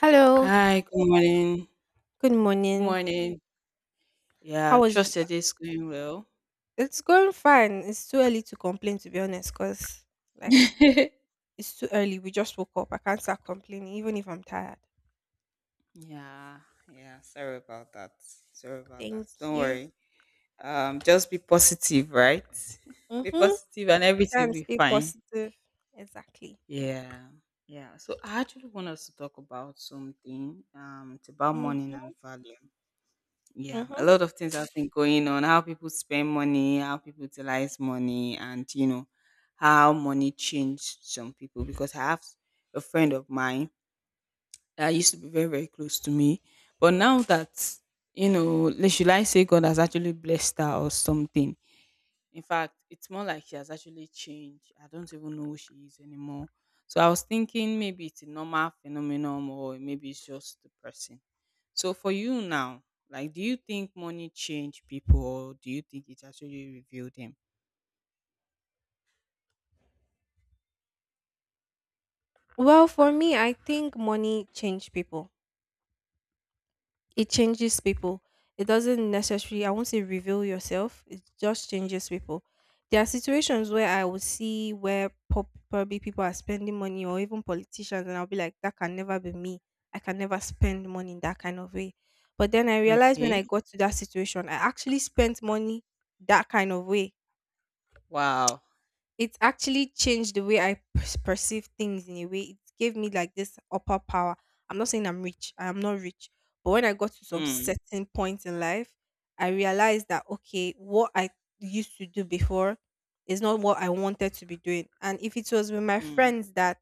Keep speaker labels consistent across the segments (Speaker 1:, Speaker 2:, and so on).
Speaker 1: Hello,
Speaker 2: Hi, good morning.
Speaker 1: good
Speaker 2: Good
Speaker 1: morning.
Speaker 2: morning. Yeah,
Speaker 1: How was you?
Speaker 2: trust your day's going well.
Speaker 1: It's going fine. It's too early to complain, to be honest, because like it's too early. We just woke up. I can't start complaining, even if I'm tired.
Speaker 2: Yeah, yeah. Sorry about that. Sorry about that.
Speaker 1: Thank
Speaker 2: Don't
Speaker 1: you.
Speaker 2: worry. Just be positive, right? Be
Speaker 1: Mm-hmm.
Speaker 2: positive, and
Speaker 1: Try
Speaker 2: everything will
Speaker 1: and
Speaker 2: be
Speaker 1: stay
Speaker 2: fine.
Speaker 1: positive. Exactly.
Speaker 2: Yeah, yeah. So I actually want us to talk about something. It's about money and
Speaker 1: Mm-hmm.
Speaker 2: value. Yeah, a
Speaker 1: Mm-hmm.
Speaker 2: lot of things have been going on. How people spend money, how people utilize money, and how money changed some people. Because I have a friend of mine that used to be very, very close to me. But now that, should I say God has actually blessed her or something? In fact, it's more like she has actually changed. I don't even know who she is anymore. So I was thinking maybe it's a normal phenomenon or maybe it's just the person. So for you now, like, do you think money change people or do you think it actually reveal them?
Speaker 1: Well, for me, I think money changed people. It changes people. It doesn't necessarily, I won't say reveal yourself, it just changes people. There are situations where I will see where probably people are spending money or even politicians, and I'll be like, that can never be me. I can never spend money in that kind of way. But then I realized when
Speaker 2: Okay.
Speaker 1: I got to that situation, I actually spent money that kind of way,
Speaker 2: Wow.
Speaker 1: it actually changed the way I perceive things in a way. It gave me like this upper power. I'm not saying I'm rich, I am not rich. But when I got to some
Speaker 2: Mm,
Speaker 1: certain point in life, I realized that, okay, what I used to do before is not what I wanted to be doing. And if it was with my
Speaker 2: mm,
Speaker 1: friends that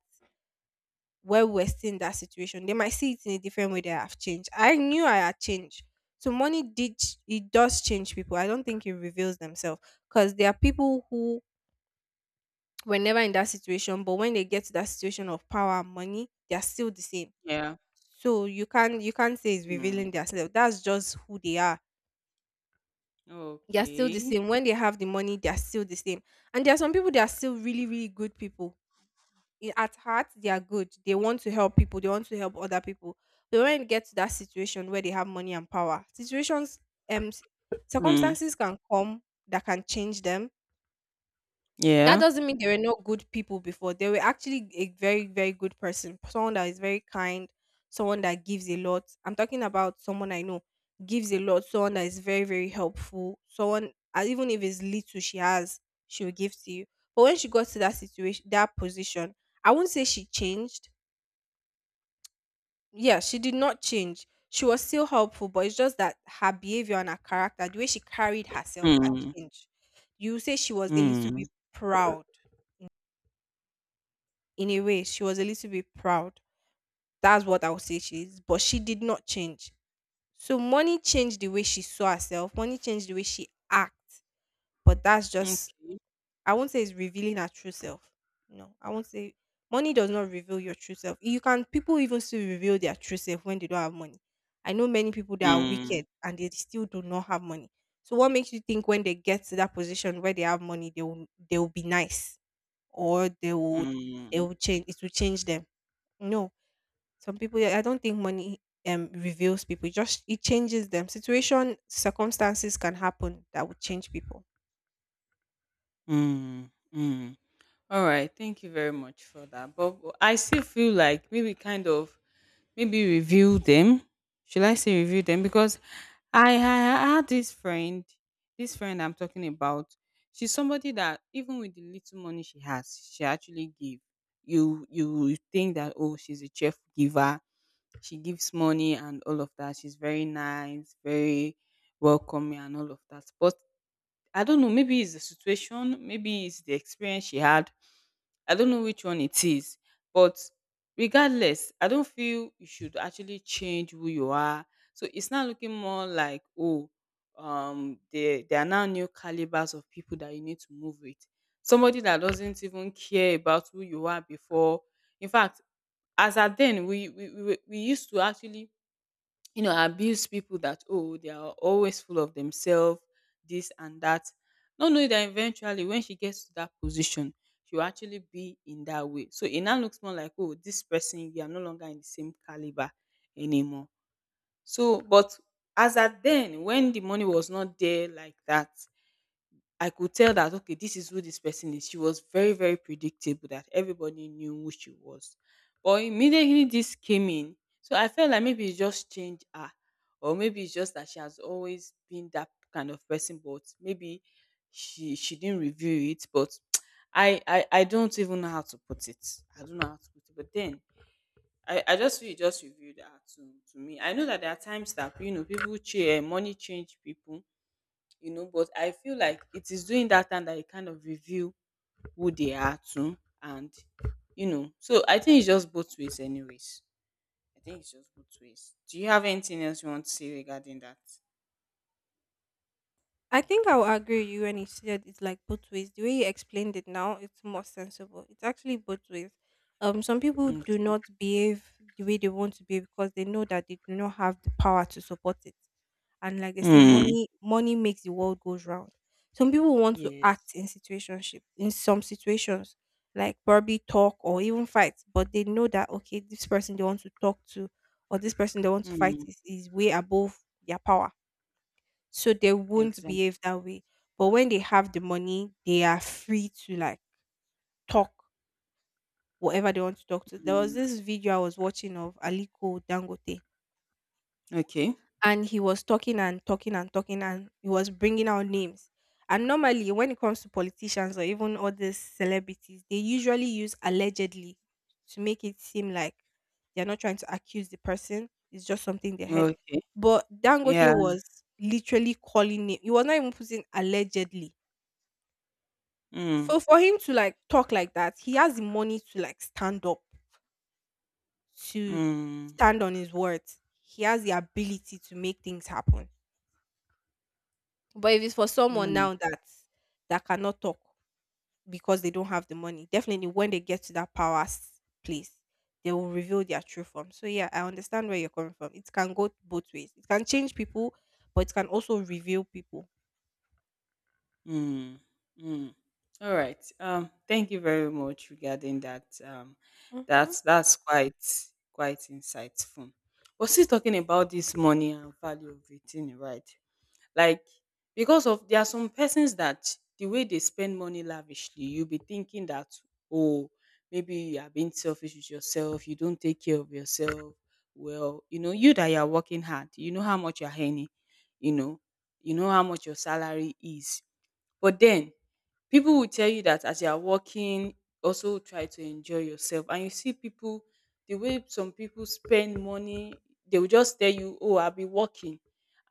Speaker 1: where we're still in that situation, they might see it in a different way that I've changed. I knew I had changed. So money it does change people. I don't think it reveals themselves because there are people who were never in that situation, but when they get to that situation of power and money, they are still the same.
Speaker 2: yeah.
Speaker 1: So you can't say it's
Speaker 2: Mm,
Speaker 1: revealing themselves, that's just who they are. They are still the
Speaker 2: okay.
Speaker 1: same. When they have the money, they are still the same. And there are some people that are still really, really good people. At heart they are good, they want to help people, they want to help other people. But when it gets to that situation where they have money and power, um s-
Speaker 2: Mm,
Speaker 1: circumstances can come that can change them. That
Speaker 2: yeah.
Speaker 1: doesn't mean they were not good people before. They were actually a very, very good person. Someone that is very kind, someone that gives a lot. I'm talking about someone I know, gives a lot, someone that is very, very helpful. Someone, even if it's little she has, she will give to you. But when she got to that situation, that position, I wouldn't say she changed. Yeah, she did not change. She was still helpful, but it's just that her behavior and her character, the way she carried herself, had
Speaker 2: Mm.
Speaker 1: changed. You say she was a little
Speaker 2: Mm,
Speaker 1: bit proud, in a way she was a little bit proud That's what I would say she is, but she did not change. So money changed the way she saw herself, money changed the way she acts. But that's just,
Speaker 2: okay.
Speaker 1: I won't say it's revealing her true self. No, I won't say. Money does not reveal your true self. You can, people even still reveal their true self when they don't have money. I know many people that are
Speaker 2: Mm,
Speaker 1: wicked and they still do not have money. So what makes you think when they get to that position where they have money, they will be nice? Or they would, they
Speaker 2: mm,
Speaker 1: will change, it will change them. No. Some people, I don't think money reveals people. It just it changes them. Situation, circumstances can happen that would change people.
Speaker 2: mm, mm. All right. Thank you very much for that. But I still feel like maybe kind of maybe review them. Should I say review them? Because I had this friend I'm talking about. She's somebody that even with the little money she has, she actually give. You think that, oh, she's a cheerful giver. She gives money and all of that. She's very nice, very welcoming and all of that. But I don't know, maybe it's the situation, maybe it's the experience she had. I don't know which one it is. But regardless, I don't feel you should actually change who you are. So it's not looking more like, oh, there are now new calibers of people that you need to move with. Somebody that doesn't even care about who you are before. In fact, as at then, we used to actually abuse people that, oh, they are always full of themselves, this and that. Not knowing that eventually when she gets to that position, she'll actually be in that way. So it now looks more like, oh, this person, you are no longer in the same caliber anymore. So, but as at then, when the money was not there like that, I could tell that okay, this is who this person is. She was very, very predictable that everybody knew who she was. But immediately this came in, so I felt like maybe it just changed her, or maybe it's just that she has always been that kind of person, but maybe she didn't reveal it. But I don't even know how to put it. I don't know how to put it. But then I just feel it just revealed her to me. I know that there are times that people change, money change people. But I feel like it is during that time that you kind of reveal who they are to and so I think it's just both ways anyways. I think it's just both ways. Do you have anything else you want to say regarding that?
Speaker 1: I think I will agree with you when you said it's like both ways. The way you explained it now, it's more sensible. It's actually both ways. Some people do
Speaker 2: Okay.
Speaker 1: not behave the way they want to behave because they know that they do not have the power to support it. And like they say,
Speaker 2: Mm.
Speaker 1: money makes the world goes round. Some people want to
Speaker 2: Yes.
Speaker 1: act in situationship in some situations, like probably talk or even fight, but they know that okay, this person they want to talk to or this person they want to fight
Speaker 2: Mm.
Speaker 1: is way above their power, so they won't
Speaker 2: Exactly.
Speaker 1: behave that way. But when they have the money, they are free to like talk whatever they want to talk to. There was
Speaker 2: Mm.
Speaker 1: this video I was watching of Aliko Dangote,
Speaker 2: Okay,
Speaker 1: and he was talking and talking and talking and he was bringing out names. And normally when it comes to politicians or even other celebrities, they usually use "allegedly" to make it seem like they're not trying to accuse the person, it's just something they heard.
Speaker 2: okay.
Speaker 1: But Dangote
Speaker 2: Yeah.
Speaker 1: was literally calling name, he was not even putting "allegedly".
Speaker 2: Mm.
Speaker 1: So for him to like talk like that, he has the money to like stand up to,
Speaker 2: Mm.
Speaker 1: stand on his words. He has the ability to make things happen. But if it's for someone
Speaker 2: Mm.
Speaker 1: now that that cannot talk because they don't have the money, definitely when they get to that power place, they will reveal their true form. So yeah, I understand where you're coming from. It can go both ways. It can change people, but it can also reveal people.
Speaker 2: Mm. Mm, All right. Thank you very much regarding that. Um,
Speaker 1: Mhm.
Speaker 2: that's that's quite insightful. We're still talking about this money and value of it, thing, right? Like because of there are some persons that the way they spend money lavishly, you'll be thinking that oh maybe you are being selfish with yourself, you don't take care of yourself. Well, you know you that you are working hard, you know how much you are earning, you know you know how much your salary is, but then people will tell you that as you are working, also try to enjoy yourself. And you see people, the way some people spend money, they will just tell you, oh, I'll be working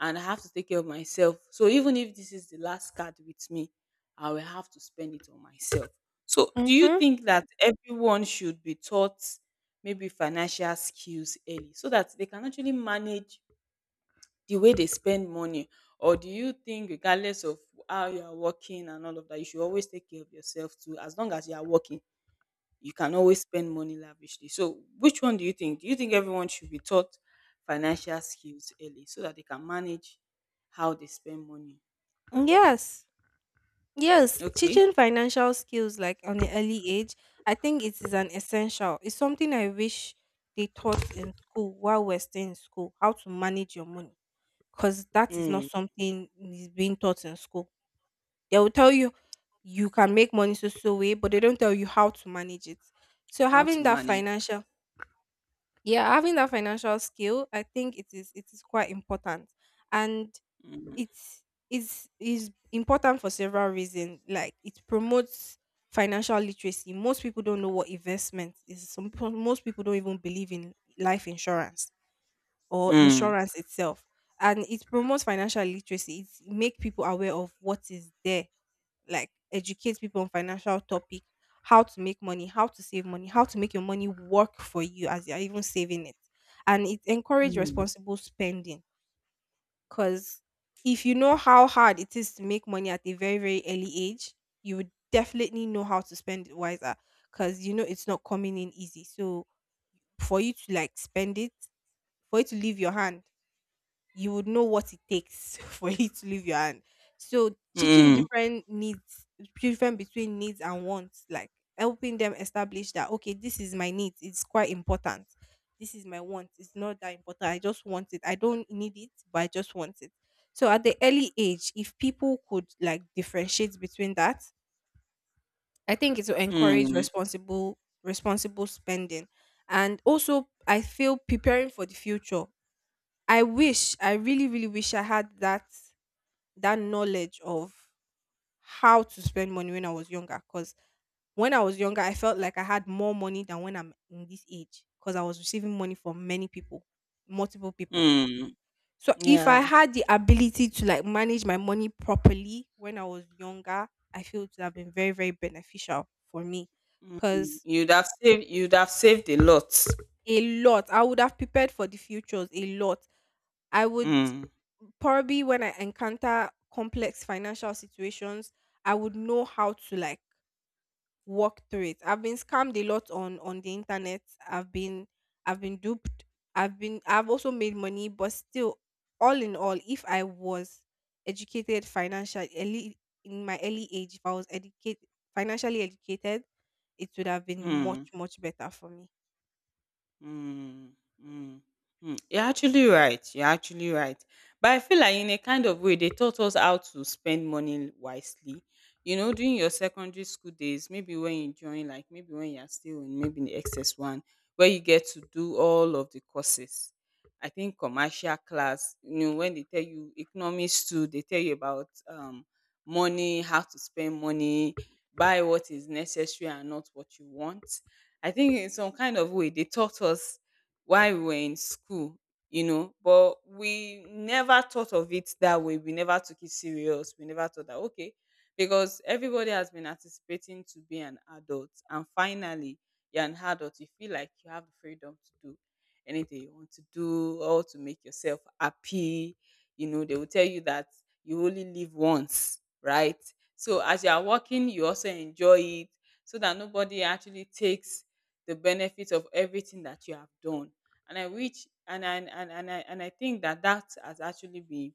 Speaker 2: and I have to take care of myself. So even if this is the last card with me, I will have to spend it on myself. So do you
Speaker 1: Mhm.
Speaker 2: think that everyone should be taught maybe financial skills early so that they can actually manage the way they spend money, or do you think regardless of how you are working and all of that you should always take care of yourself too? As long as you are working you can always spend money lavishly. So which one Do you think everyone should be taught financial skills early so that they can manage how they spend money? Oh.
Speaker 1: Yes. Yes,
Speaker 2: Okay.
Speaker 1: teaching financial skills like on an early age, I think it is an essential. It's something I wish they taught in school while we're still in school, how to manage your money, because that is not
Speaker 2: Mm.
Speaker 1: something is being taught in school. They will tell you you can make money so so way, but they don't tell you how to manage it. So
Speaker 2: How to
Speaker 1: having that
Speaker 2: manage it.
Speaker 1: financial, yeah, having that financial skill, I think it is quite important, and it's is important for several reasons. Like it promotes financial literacy. Most people don't know what investment is. Most people don't even believe in life insurance or
Speaker 2: Mm.
Speaker 1: insurance itself. And it promotes financial literacy. It make people aware of what is there, like educate people on financial topic, how to make money, how to save money, how to make your money work for you as you're even saving it. And it encourage
Speaker 2: Mm.
Speaker 1: responsible spending because if you know how hard it is to make money at a very, very early age, you would definitely know how to spend it wiser because you know it's not coming in easy. So for you to like spend it, for you to leave your hand, you would know what it takes for you to leave your hand. So teaching
Speaker 2: Mm.
Speaker 1: different needs, different between needs and wants, like helping them establish that okay, this is my needs. It's quite important. This is my want. It's not that important. I just want it. I don't need it, but I just want it. So at the early age, if people could like differentiate between that, I think it will encourage
Speaker 2: Mm.
Speaker 1: responsible spending. And also I feel preparing for the future, I wish, I really, really wish I had that knowledge of how to spend money when I was younger. Because when I was younger, I felt like I had more money than when I'm in this age. Because I was receiving money from many people, multiple people.
Speaker 2: Mm.
Speaker 1: So if I
Speaker 2: Yeah.
Speaker 1: had the ability to like manage my money properly when I was younger, I feel it would have been very, very beneficial for me.
Speaker 2: Mm.
Speaker 1: Because
Speaker 2: You'd have saved a lot.
Speaker 1: a lot. I would have prepared for the futures a lot. I would
Speaker 2: Mm.
Speaker 1: probably, when I encounter complex financial situations, I would know how to like work through it. I've been scammed a lot on the internet. I've been I've been duped. I've also made money, but still, all in all, if I was educated financially early in my early age, if I was educated financially, educated, it would have been much
Speaker 2: Mm.
Speaker 1: much better for me.
Speaker 2: Mm, mm, mm. You're actually right. You're actually right. But I feel like in a kind of way, they taught us how to spend money wisely. You know, during your secondary school days, maybe when you join, like maybe when you're still in maybe in the XS1, where you get to do all of the courses. I think commercial class, when they tell you economics too, they tell you about money, how to spend money, buy what is necessary and not what you want. I think in some kind of way they taught us while we were in school, but we never thought of it that way. We never took it serious. We never thought that okay, because everybody has been anticipating to be an adult, and finally you're an adult. You feel like you have the freedom to do anything you want to do, or to make yourself happy. You know, they will tell you that you only live once, right? So as you are working, you also enjoy it so that nobody actually takes the benefit of everything that you have done and I reach and I think that that has actually been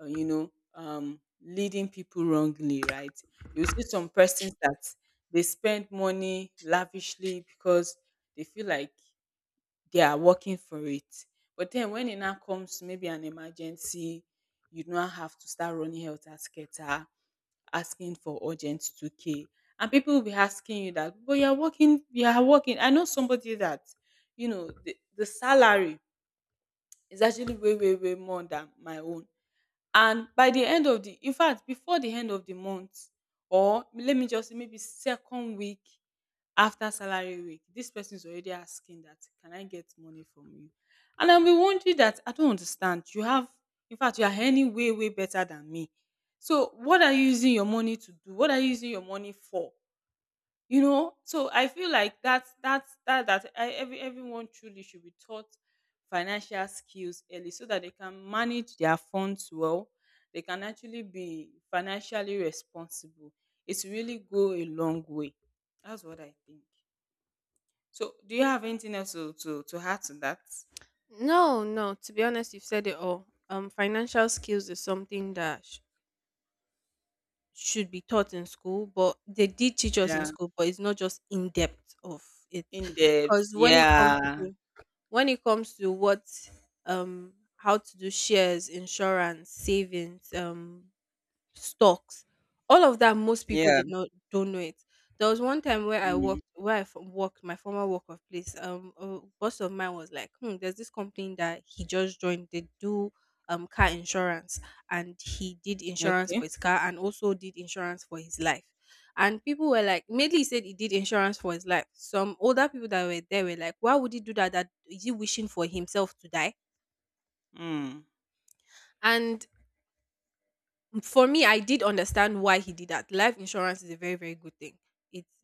Speaker 2: leading people wrongly, right? You see some persons that they spend money lavishly because they feel like they are working for it. But then when it now comes to maybe an emergency, you now have to start running helter skelter asking for urgent 2K. And people will be asking you that, but you're working, you are working. I know somebody that, you know, the salary is actually way way way more than my own. And by the end of the in fact, before the end of the month, or let me just say maybe second week after salary week, this person is already asking that, can I get money from you? And I'll be wondering that I don't understand. You have, in fact, you are earning way, way better than me. So what are you using your money to do? What are you using your money for? You know, so I feel like that's that that I, every everyone truly should be taught financial skills early so that they can manage their funds well. They can actually be financially responsible. It's really go a long way. That's what I think. So do you have anything else to add to that?
Speaker 1: No, no. To be honest, you've said it all. Financial skills is something that should be taught in school, but they did teach us in
Speaker 2: Yeah.
Speaker 1: school, but it's not just in depth of it.
Speaker 2: In depth.
Speaker 1: Because
Speaker 2: Yeah.
Speaker 1: when it comes to what, how to do shares, insurance, savings, stocks, all of that, most people
Speaker 2: Yeah.
Speaker 1: did not don't know it. There was one time where I
Speaker 2: Mm.
Speaker 1: worked, where I worked my former work of place. A boss of mine was like, "Hmm, there's this company that he just joined. They do car insurance, and he did insurance for
Speaker 2: Okay.
Speaker 1: his car and also did insurance for his life." And people were like, mainly he said he did insurance for his life. Some older people that were there were like, "Why would he do that? That is he wishing for himself to die?"
Speaker 2: Mm,
Speaker 1: And for me, I did understand why he did that. Life insurance is a very, very good thing. It's,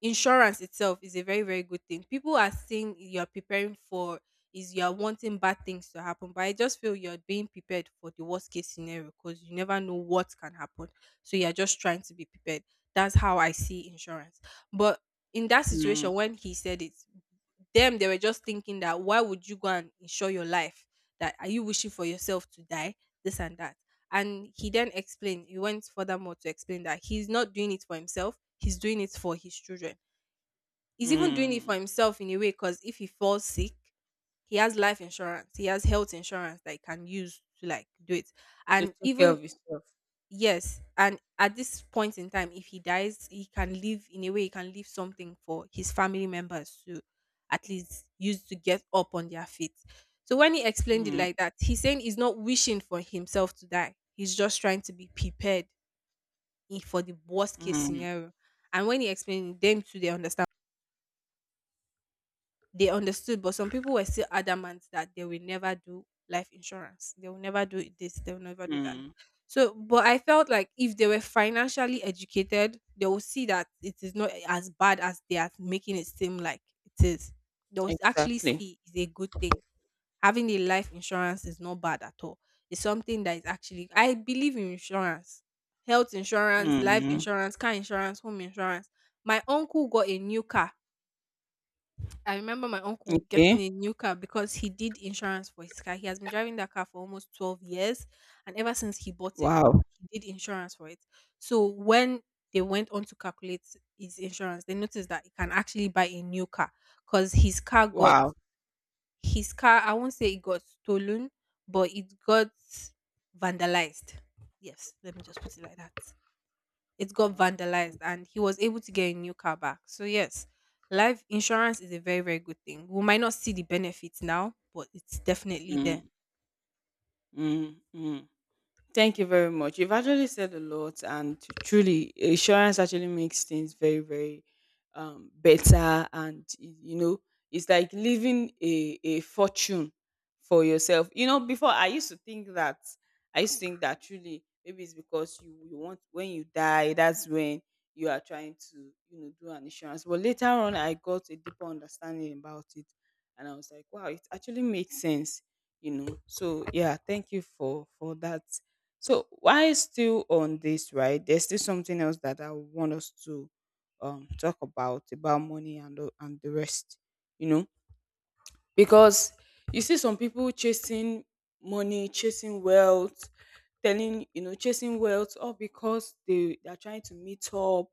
Speaker 1: insurance itself is a very, very good thing. People are saying you're preparing for is you're wanting bad things to happen, but I just feel you're being prepared for the worst case scenario because you never know what can happen. So you're just trying to be prepared. That's how I see insurance. But in that situation,
Speaker 2: mm,
Speaker 1: when he said it, them they were just thinking that why would you go and insure your life? That are you wishing for yourself to die? This and that, and he then explained. He went furthermore to explain that he's not doing it for himself, he's doing it for his children. He's even doing it
Speaker 2: mm.
Speaker 1: for himself in a way because if he falls sick, he has life insurance, he has health insurance that he can use to like do it.
Speaker 2: So
Speaker 1: And
Speaker 2: take care
Speaker 1: even
Speaker 2: of yourself.
Speaker 1: Yes, and at this point in time, if he dies, he can leave in a way he can leave something for his family members to at least use to get up on their feet. So when he explained it
Speaker 2: Mm,
Speaker 1: like that, he's saying he's not wishing for himself to die. He's just trying to be prepared for the worst case
Speaker 2: mm,
Speaker 1: scenario. And when he explained it, them too, they understood, but some people were still adamant that they will never do life insurance. They will never do this. They will never do that.
Speaker 2: mm.
Speaker 1: So, but I felt like if they were financially educated, they will see that it is not as bad as they are making it seem like it is. They will actually
Speaker 2: Exactly.
Speaker 1: see it's a good thing. Having a life insurance is not bad at all. It's something that is actually, I believe in insurance, health insurance, life
Speaker 2: Mm.
Speaker 1: insurance, car insurance, home insurance. My uncle got a new car I remember my uncle
Speaker 2: Okay.
Speaker 1: getting a new car because he did insurance for his car. He has been driving that car for almost 12 years. And ever since he bought it,
Speaker 2: Wow.
Speaker 1: he did insurance for it. So when they went on to calculate his insurance, they noticed that he can actually buy a new car because
Speaker 2: Wow.
Speaker 1: his car, I won't say it got stolen, but it got vandalized. Yes, let me just put it like that, it got
Speaker 2: Wow.
Speaker 1: vandalized
Speaker 2: Okay.
Speaker 1: and he was able to get a new car back. So yes, life insurance is a very very good thing. We might not see the benefits now, but it's definitely
Speaker 2: Mm.
Speaker 1: there.
Speaker 2: Mm. Mm. Thank you very much. You've actually said a lot, and truly, insurance actually makes things very, very better. And you know, it's like leaving a fortune for yourself. You know, before I used to think that truly maybe it's because you want when you die, that's when you are trying to do an insurance. But later on, I got a deeper understanding about it, and I was like, wow, it actually makes sense. So yeah, thank you for that. So why still on this, right, there's still something else that I want us to talk about money and and the rest, you know, because you see some people chasing money, chasing wealth, telling, chasing wealth, all because they are trying to meet up,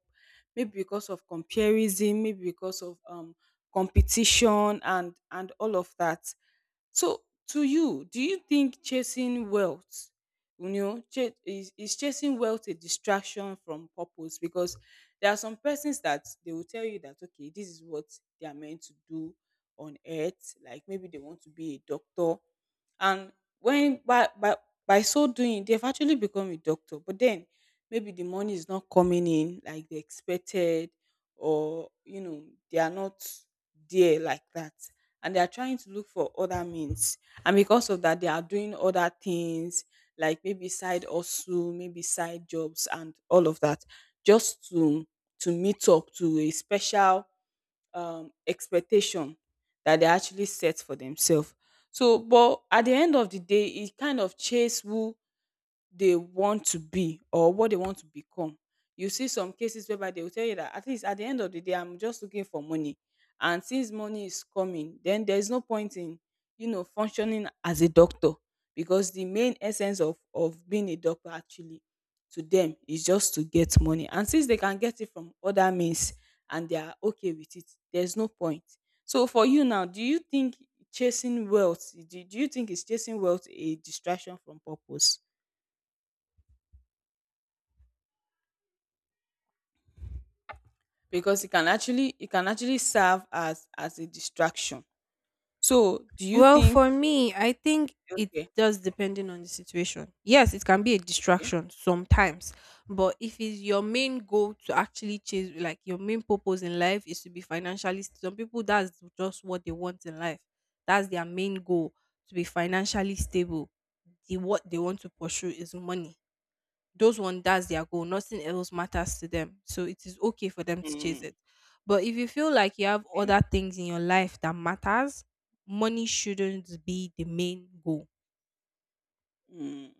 Speaker 2: maybe because of comparison, maybe because of competition and all of that. So, to you, do you think chasing wealth, is chasing wealth a distraction from purpose? Because there are some persons that they will tell you that, okay, this is what they are meant to do on earth. Like maybe they want to be a doctor. And when by so doing, they've actually become a doctor. But then maybe the money is not coming in like they expected, or, they are not there like that and they are trying to look for other means. And because of that, they are doing other things like maybe side hustle, maybe side jobs, and all of that, just to meet up to a special expectation that they actually set for themselves. So, but at the end of the day, it kind of chase who they want to be or what they want to become. You see some cases whereby they will tell you that at least at the end of the day, I'm just looking for money. And since money is coming, then there's no point in functioning as a doctor because the main essence of being a doctor actually to them is just to get money. And since they can get it from other means and they are okay with it, there's no point. So for you now, do you think chasing wealth, do you think is chasing wealth a distraction from purpose? Because it can actually serve as a distraction. So, do you
Speaker 1: Well,
Speaker 2: think?
Speaker 1: for me, I think it
Speaker 2: Okay,
Speaker 1: does depending on the situation. Yes, it can be a
Speaker 2: okay,
Speaker 1: distraction sometimes, but if it's your main goal to actually chase, like your main purpose in life is to be some people that's just what they want in life. That's their main goal to be financially stable. The what they want to pursue is money, those one that's their goal, nothing else matters to them, so it is okay for them to chase
Speaker 2: mm,
Speaker 1: it. But if you feel like you have
Speaker 2: okay,
Speaker 1: other things in your life that matters, money shouldn't be the main goal.
Speaker 2: mm,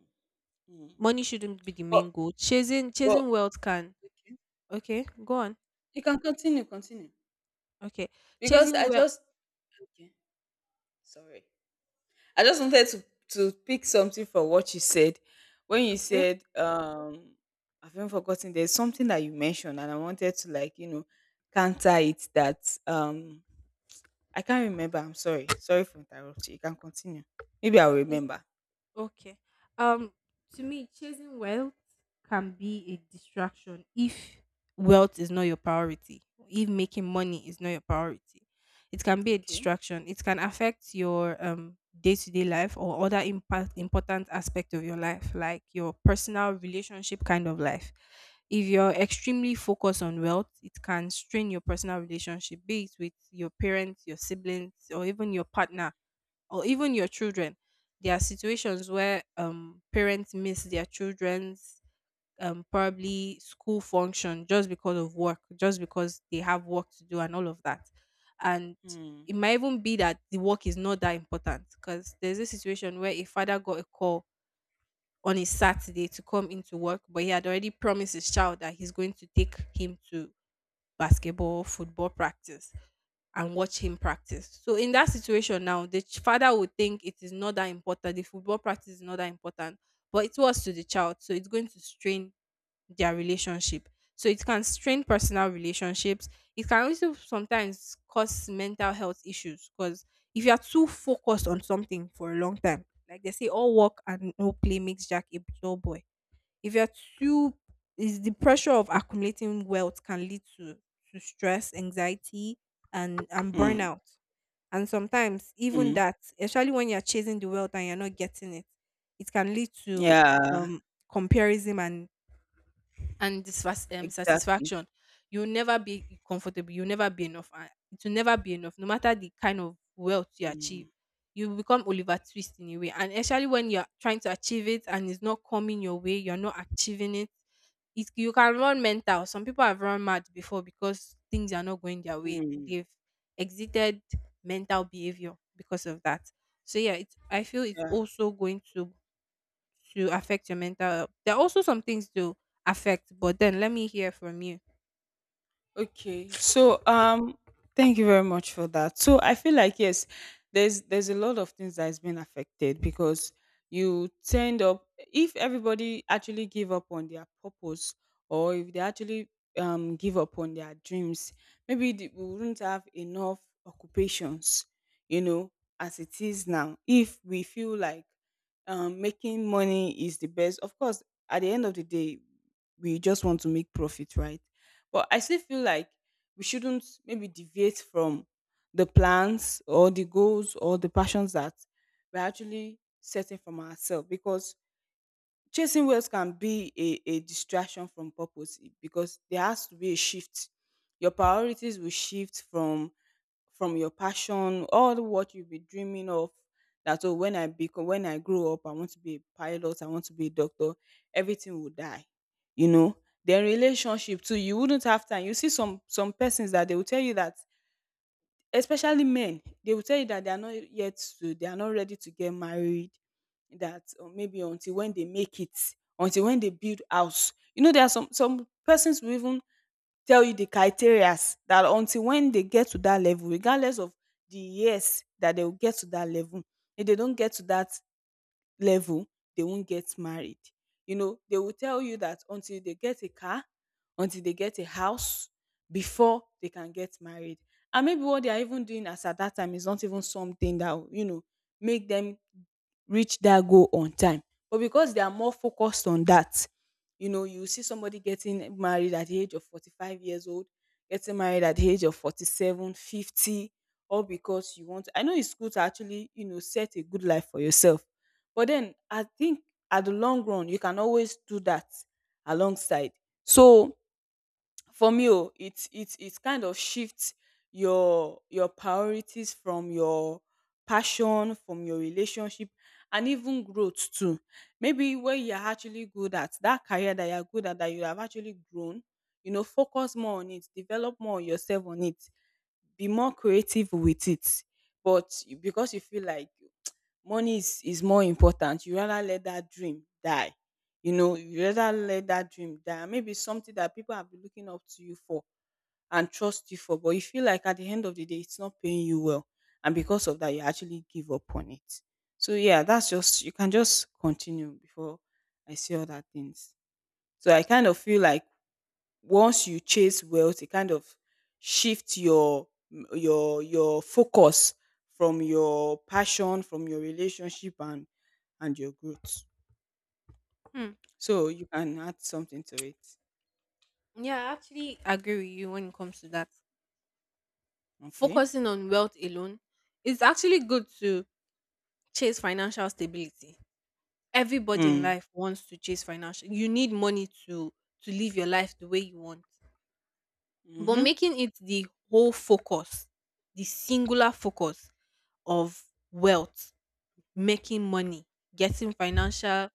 Speaker 2: mm.
Speaker 1: Money shouldn't be the
Speaker 2: But
Speaker 1: main goal. chasing
Speaker 2: but
Speaker 1: chasing wealth can.
Speaker 2: okay.
Speaker 1: Okay, go on.
Speaker 2: You can continue.
Speaker 1: Okay.
Speaker 2: Because
Speaker 1: Chasing
Speaker 2: I
Speaker 1: wealth.
Speaker 2: just Okay, sorry. I just wanted to pick something from what you said when you said I've even forgotten. There's something that you mentioned, and I wanted to like counter it that I can't remember. I'm sorry. Sorry for interrupting. You can continue. Maybe I'll
Speaker 1: Okay.
Speaker 2: remember.
Speaker 1: Okay. Um, to me, chasing wealth can be a distraction if wealth is not your priority, if making money is not your priority. It can be a
Speaker 2: Okay.
Speaker 1: distraction. It can affect your day-to-day life or other impact important aspect of your life, like your personal relationship kind of life. If you're extremely focused on wealth, it can strain your personal relationship, be it with your parents, your siblings, or even your partner or even your children. There are situations where parents miss their children's probably school function just because of work, just because they have work to do and all of that. And
Speaker 2: Mm.
Speaker 1: it might even be that the work is not that important because there's a situation where a father got a call on a Saturday to come into work, but he had already promised his child that he's going to take him to basketball, football practice and watch him practice. So in that situation now, the ch- father would think it is not that important. The football practice is not that important, but it was to the child. So it's going to strain their relationship. So it can strain personal relationships. It can also sometimes cause mental health issues because if you are too focused on something for a long time, like they say, all work and no play makes Jack a dull boy. If you're too is the pressure of accumulating wealth can lead to stress, anxiety and
Speaker 2: Mm.
Speaker 1: burnout, and sometimes even
Speaker 2: Mm.
Speaker 1: that, especially when you're chasing the wealth and you're not getting it, it can lead to
Speaker 2: Yeah.
Speaker 1: um comparison and
Speaker 2: Exactly.
Speaker 1: satisfaction. You'll never be comfortable. You'll never be enough. And It will never be enough, no matter the kind of wealth you achieve.
Speaker 2: Mm.
Speaker 1: You become Oliver Twist in a way. And especially when you're trying to achieve it and it's not coming your way, you're not achieving it. It you can run mental. Some people have run mad before because things are not going their way.
Speaker 2: Mm.
Speaker 1: They've exited mental behavior because of that. So yeah, it's I feel it's
Speaker 2: Yeah.
Speaker 1: also going to affect your mental health. There are also some things to affect, but then let me hear from you.
Speaker 2: Okay. So thank you very much for that. So I feel like yes, there's a lot of things that has been affected because you tend up if everybody actually give up on their purpose or if they actually give up on their dreams, maybe we wouldn't have enough occupations, you know, as it is now. If we feel like making money is the best, of course, at the end of the day, we just want to make profit, right? But I still feel like we shouldn't maybe deviate from the plans or the goals or the passions that we're actually setting from ourselves because chasing wealth can be a distraction from purpose because there has to be a shift. Your priorities will shift from your passion, all what you've been dreaming of. That oh, when I grow up, I want to be a pilot. I want to be a doctor. Everything will die, you know. Then relationship too, you wouldn't have time. You see some persons that they will tell you that, especially men, they will tell you that they are not ready to get married. That or maybe until when they make it, until when they build house. You know, there are some persons will even tell you the criterias that until when they get to that level, regardless of the years that they will get to that level, if they don't get to that level, they won't get married. You know, they will tell you that until they get a car, until they get a house, before they can get married. And maybe what they are even doing as at that time is not even something that will make them reach that goal on time. But because they are more focused on that, you see somebody getting married at the age of 45 years old, getting married at the age of 47, 50, all because you want. I know it's good to actually, set a good life for yourself. But then I think at the long run, you can always do that alongside. So for me, oh, it kind of shifts your priorities from your passion, from your relationship, and even growth too, maybe where you're actually good at that career that you're good at, that you have actually grown, focus more on it, develop more on yourself on it, be more creative with it, but because you feel like money is more important, you rather let that dream die, you rather let that dream die. And maybe something that people have been looking up to you for and trust you for, but you feel like at the end of the day it's not paying you well, and because of that you actually give up on it. So yeah, that's just, you can just continue before I say other things. So I kind of feel like once you chase wealth, it kind of shifts your your focus from your passion, from your relationship, and your growth.
Speaker 1: Hmm.
Speaker 2: So you can add something to it.
Speaker 1: Yeah, I actually agree with you when it comes to that.
Speaker 2: Okay.
Speaker 1: Focusing on wealth alone is actually good to chase financial stability. Everybody in
Speaker 2: Mm.
Speaker 1: life wants to chase financial. You need money to live your life the way you want. But
Speaker 2: Mm-hmm.
Speaker 1: making it the whole focus, the singular focus of wealth, making money, getting financial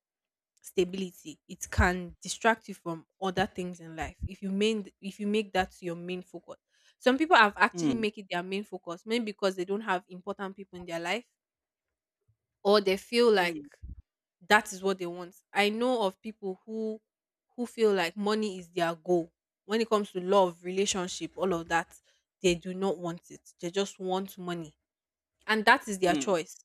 Speaker 1: stability, it can distract you from other things in life. If you make that your main focus. Some people have actually
Speaker 2: Mm.
Speaker 1: make it their main focus, maybe because they don't have important people in their life, or they feel like
Speaker 2: Mm.
Speaker 1: that is what they want. I know of people who feel like money is their goal. When it comes to love, relationship, all of that, they do not want it. They just want money. And that is their
Speaker 2: Mm.
Speaker 1: choice.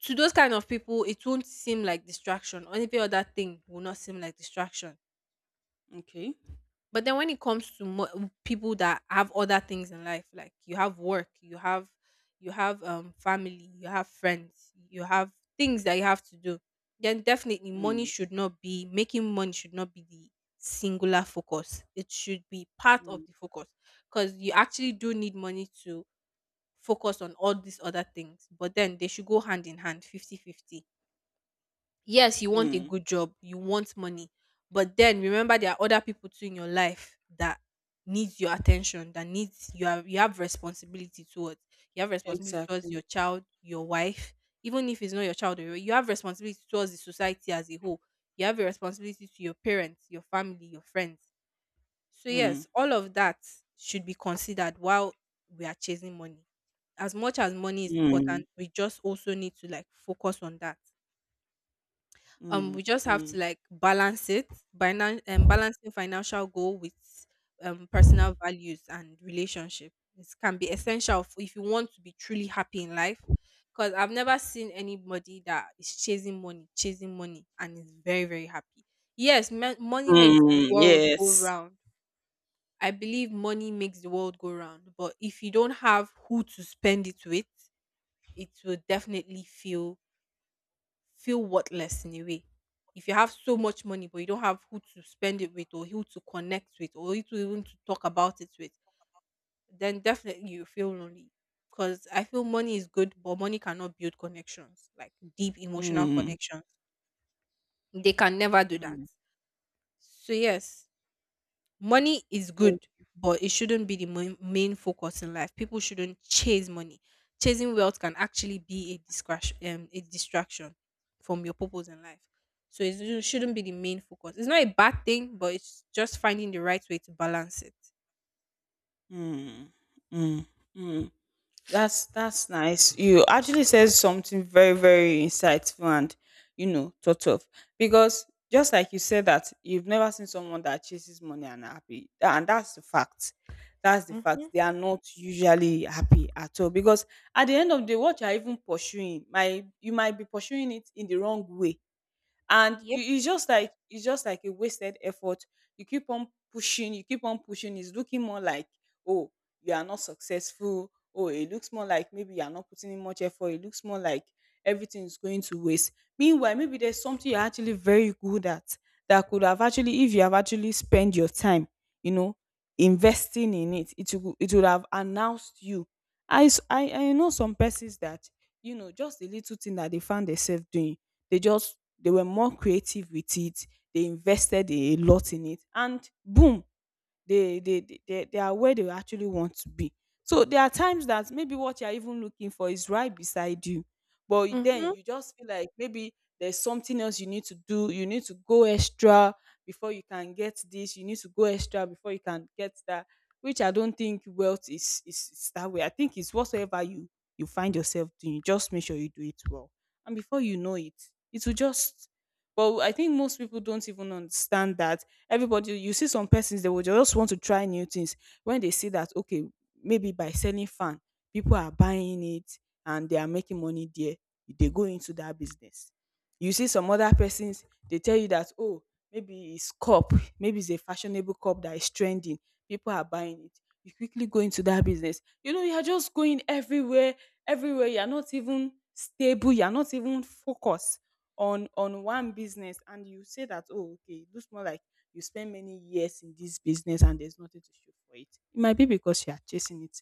Speaker 1: To those kind of people, it won't seem like distraction. Any other thing will not seem like distraction.
Speaker 2: Okay.
Speaker 1: But then when it comes to mo- people that have other things in life, like you have work, you have family, you have friends, you have things that you have to do, then definitely money
Speaker 2: Mm.
Speaker 1: should not be making money should not be the singular focus. It should be part
Speaker 2: Mm.
Speaker 1: of the focus because you actually do need money to focus on all these other things. But then they should go hand in hand, 50-50. Yes, you want a
Speaker 2: Mm.
Speaker 1: good job, you want money, but then remember there are other people too in your life that needs your attention, that needs you have responsibility towards. You have responsibility towards
Speaker 2: Exactly.
Speaker 1: your child, your wife, even if it's not your child, you have responsibility towards the society as a whole. You have a responsibility to your parents, your family, your friends. So
Speaker 2: Mm.
Speaker 1: yes, all of that should be considered while we are chasing money. As much as money is
Speaker 2: Mm.
Speaker 1: important, we just also need to like focus on that.
Speaker 2: Mm.
Speaker 1: We just have to
Speaker 2: Mm.
Speaker 1: like balance it by now balancing financial goal with personal values and relationship. It can be essential if you want to be truly happy in life because I've never seen anybody that is chasing money and is very very happy. Yes, money makes the
Speaker 2: Mm.
Speaker 1: world go
Speaker 2: Yes.
Speaker 1: round. I believe money makes the world go round, but if you don't have who to spend it with, it will definitely feel worthless in a way. If you have so much money but you don't have who to spend it with or who to connect with or who to even to talk about it with, then definitely you feel lonely. Because I feel money is good, but money cannot build connections, like deep emotional
Speaker 2: Mm.
Speaker 1: connections. They can never do that.
Speaker 2: Mm.
Speaker 1: So yes, money is good but it shouldn't be the main, main focus in life. People shouldn't chase money. Chasing wealth can actually be a distraction, a distraction from your purpose in life. So it shouldn't be the main focus. It's not a bad thing, but it's just finding the right way to balance it.
Speaker 2: Mm, mm, mm. That's nice. You actually said something very very insightful and thought of, because just like you said that you've never seen someone that chases money and happy. And that's the fact. That's the
Speaker 1: Mm-hmm.
Speaker 2: fact. They are not usually happy at all, because at the end of the day, what you are even pursuing, might you might be pursuing it in the wrong way, and
Speaker 1: Yep.
Speaker 2: you it's just like a wasted effort. You keep on pushing, it's looking more like, oh, you are not successful, oh, it looks more like maybe you are not putting in much effort, it looks more like everything is going to waste. Meanwhile, maybe there's something you're actually very good at, that could have actually, if you have actually spent your time you know investing in it, it would have announced you. I s- i i know some persons that, just the little thing that they found themselves doing, they just they were more creative with it. They invested a lot in it. And boom, they are where they actually want to be. So there are times that maybe what you're even looking for is right beside you, but then
Speaker 1: Mm-hmm.
Speaker 2: you just feel like maybe there's something else you need to do, you need to go extra before you can get this, you need to go extra before you can get that, which I don't think wealth is that way. I think it's whatsoever you find yourself doing, just make sure you do it well, and before you know it, it will just, but I think most people don't even understand that. Everybody You see some persons, they will just want to try new things. When they see that, okay, maybe by selling fan people are buying it and they are making money there, they go into that business. You see some other persons, they tell you that, oh, maybe it's cup, maybe it's a fashionable cup that is trending, people are buying it, you quickly go into that business, you're just going everywhere you're not even stable, you're not even focused on one business, and you say that, oh, okay, it looks more like you spend many years in this business and there's nothing to show for it. It might be because you are chasing it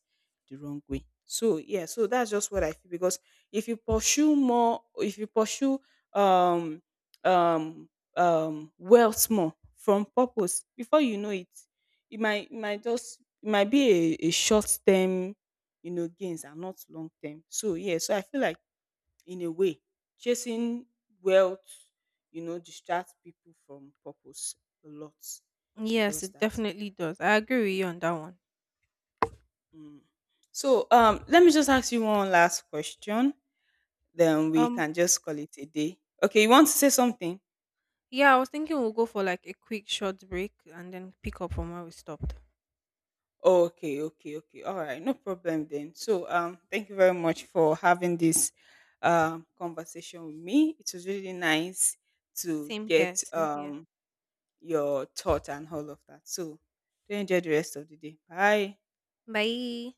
Speaker 2: the wrong way. So yeah, so that's just what I feel, because if you pursue um um wealth more from purpose, before you know it, it might just it might be a short term, gains and not long term. So yeah, so I feel like, in a way, chasing wealth, distracts people from purpose a lot. It
Speaker 1: Yes,
Speaker 2: does
Speaker 1: it
Speaker 2: that.
Speaker 1: definitely does. I agree with you on that one.
Speaker 2: Mm. So let me just ask you one last question. Then we
Speaker 1: um
Speaker 2: can just call it a day. Okay, you want to say something?
Speaker 1: yeah, I was thinking we'll go for like a quick short break and then pick up from where we stopped.
Speaker 2: Oh, okay, okay, okay. All right, no problem then. So thank you very much for having this conversation with me. It was really nice to
Speaker 1: Same here,
Speaker 2: get
Speaker 1: same here.
Speaker 2: your thought and all of that. So do enjoy the rest of the day. Bye.
Speaker 1: Bye.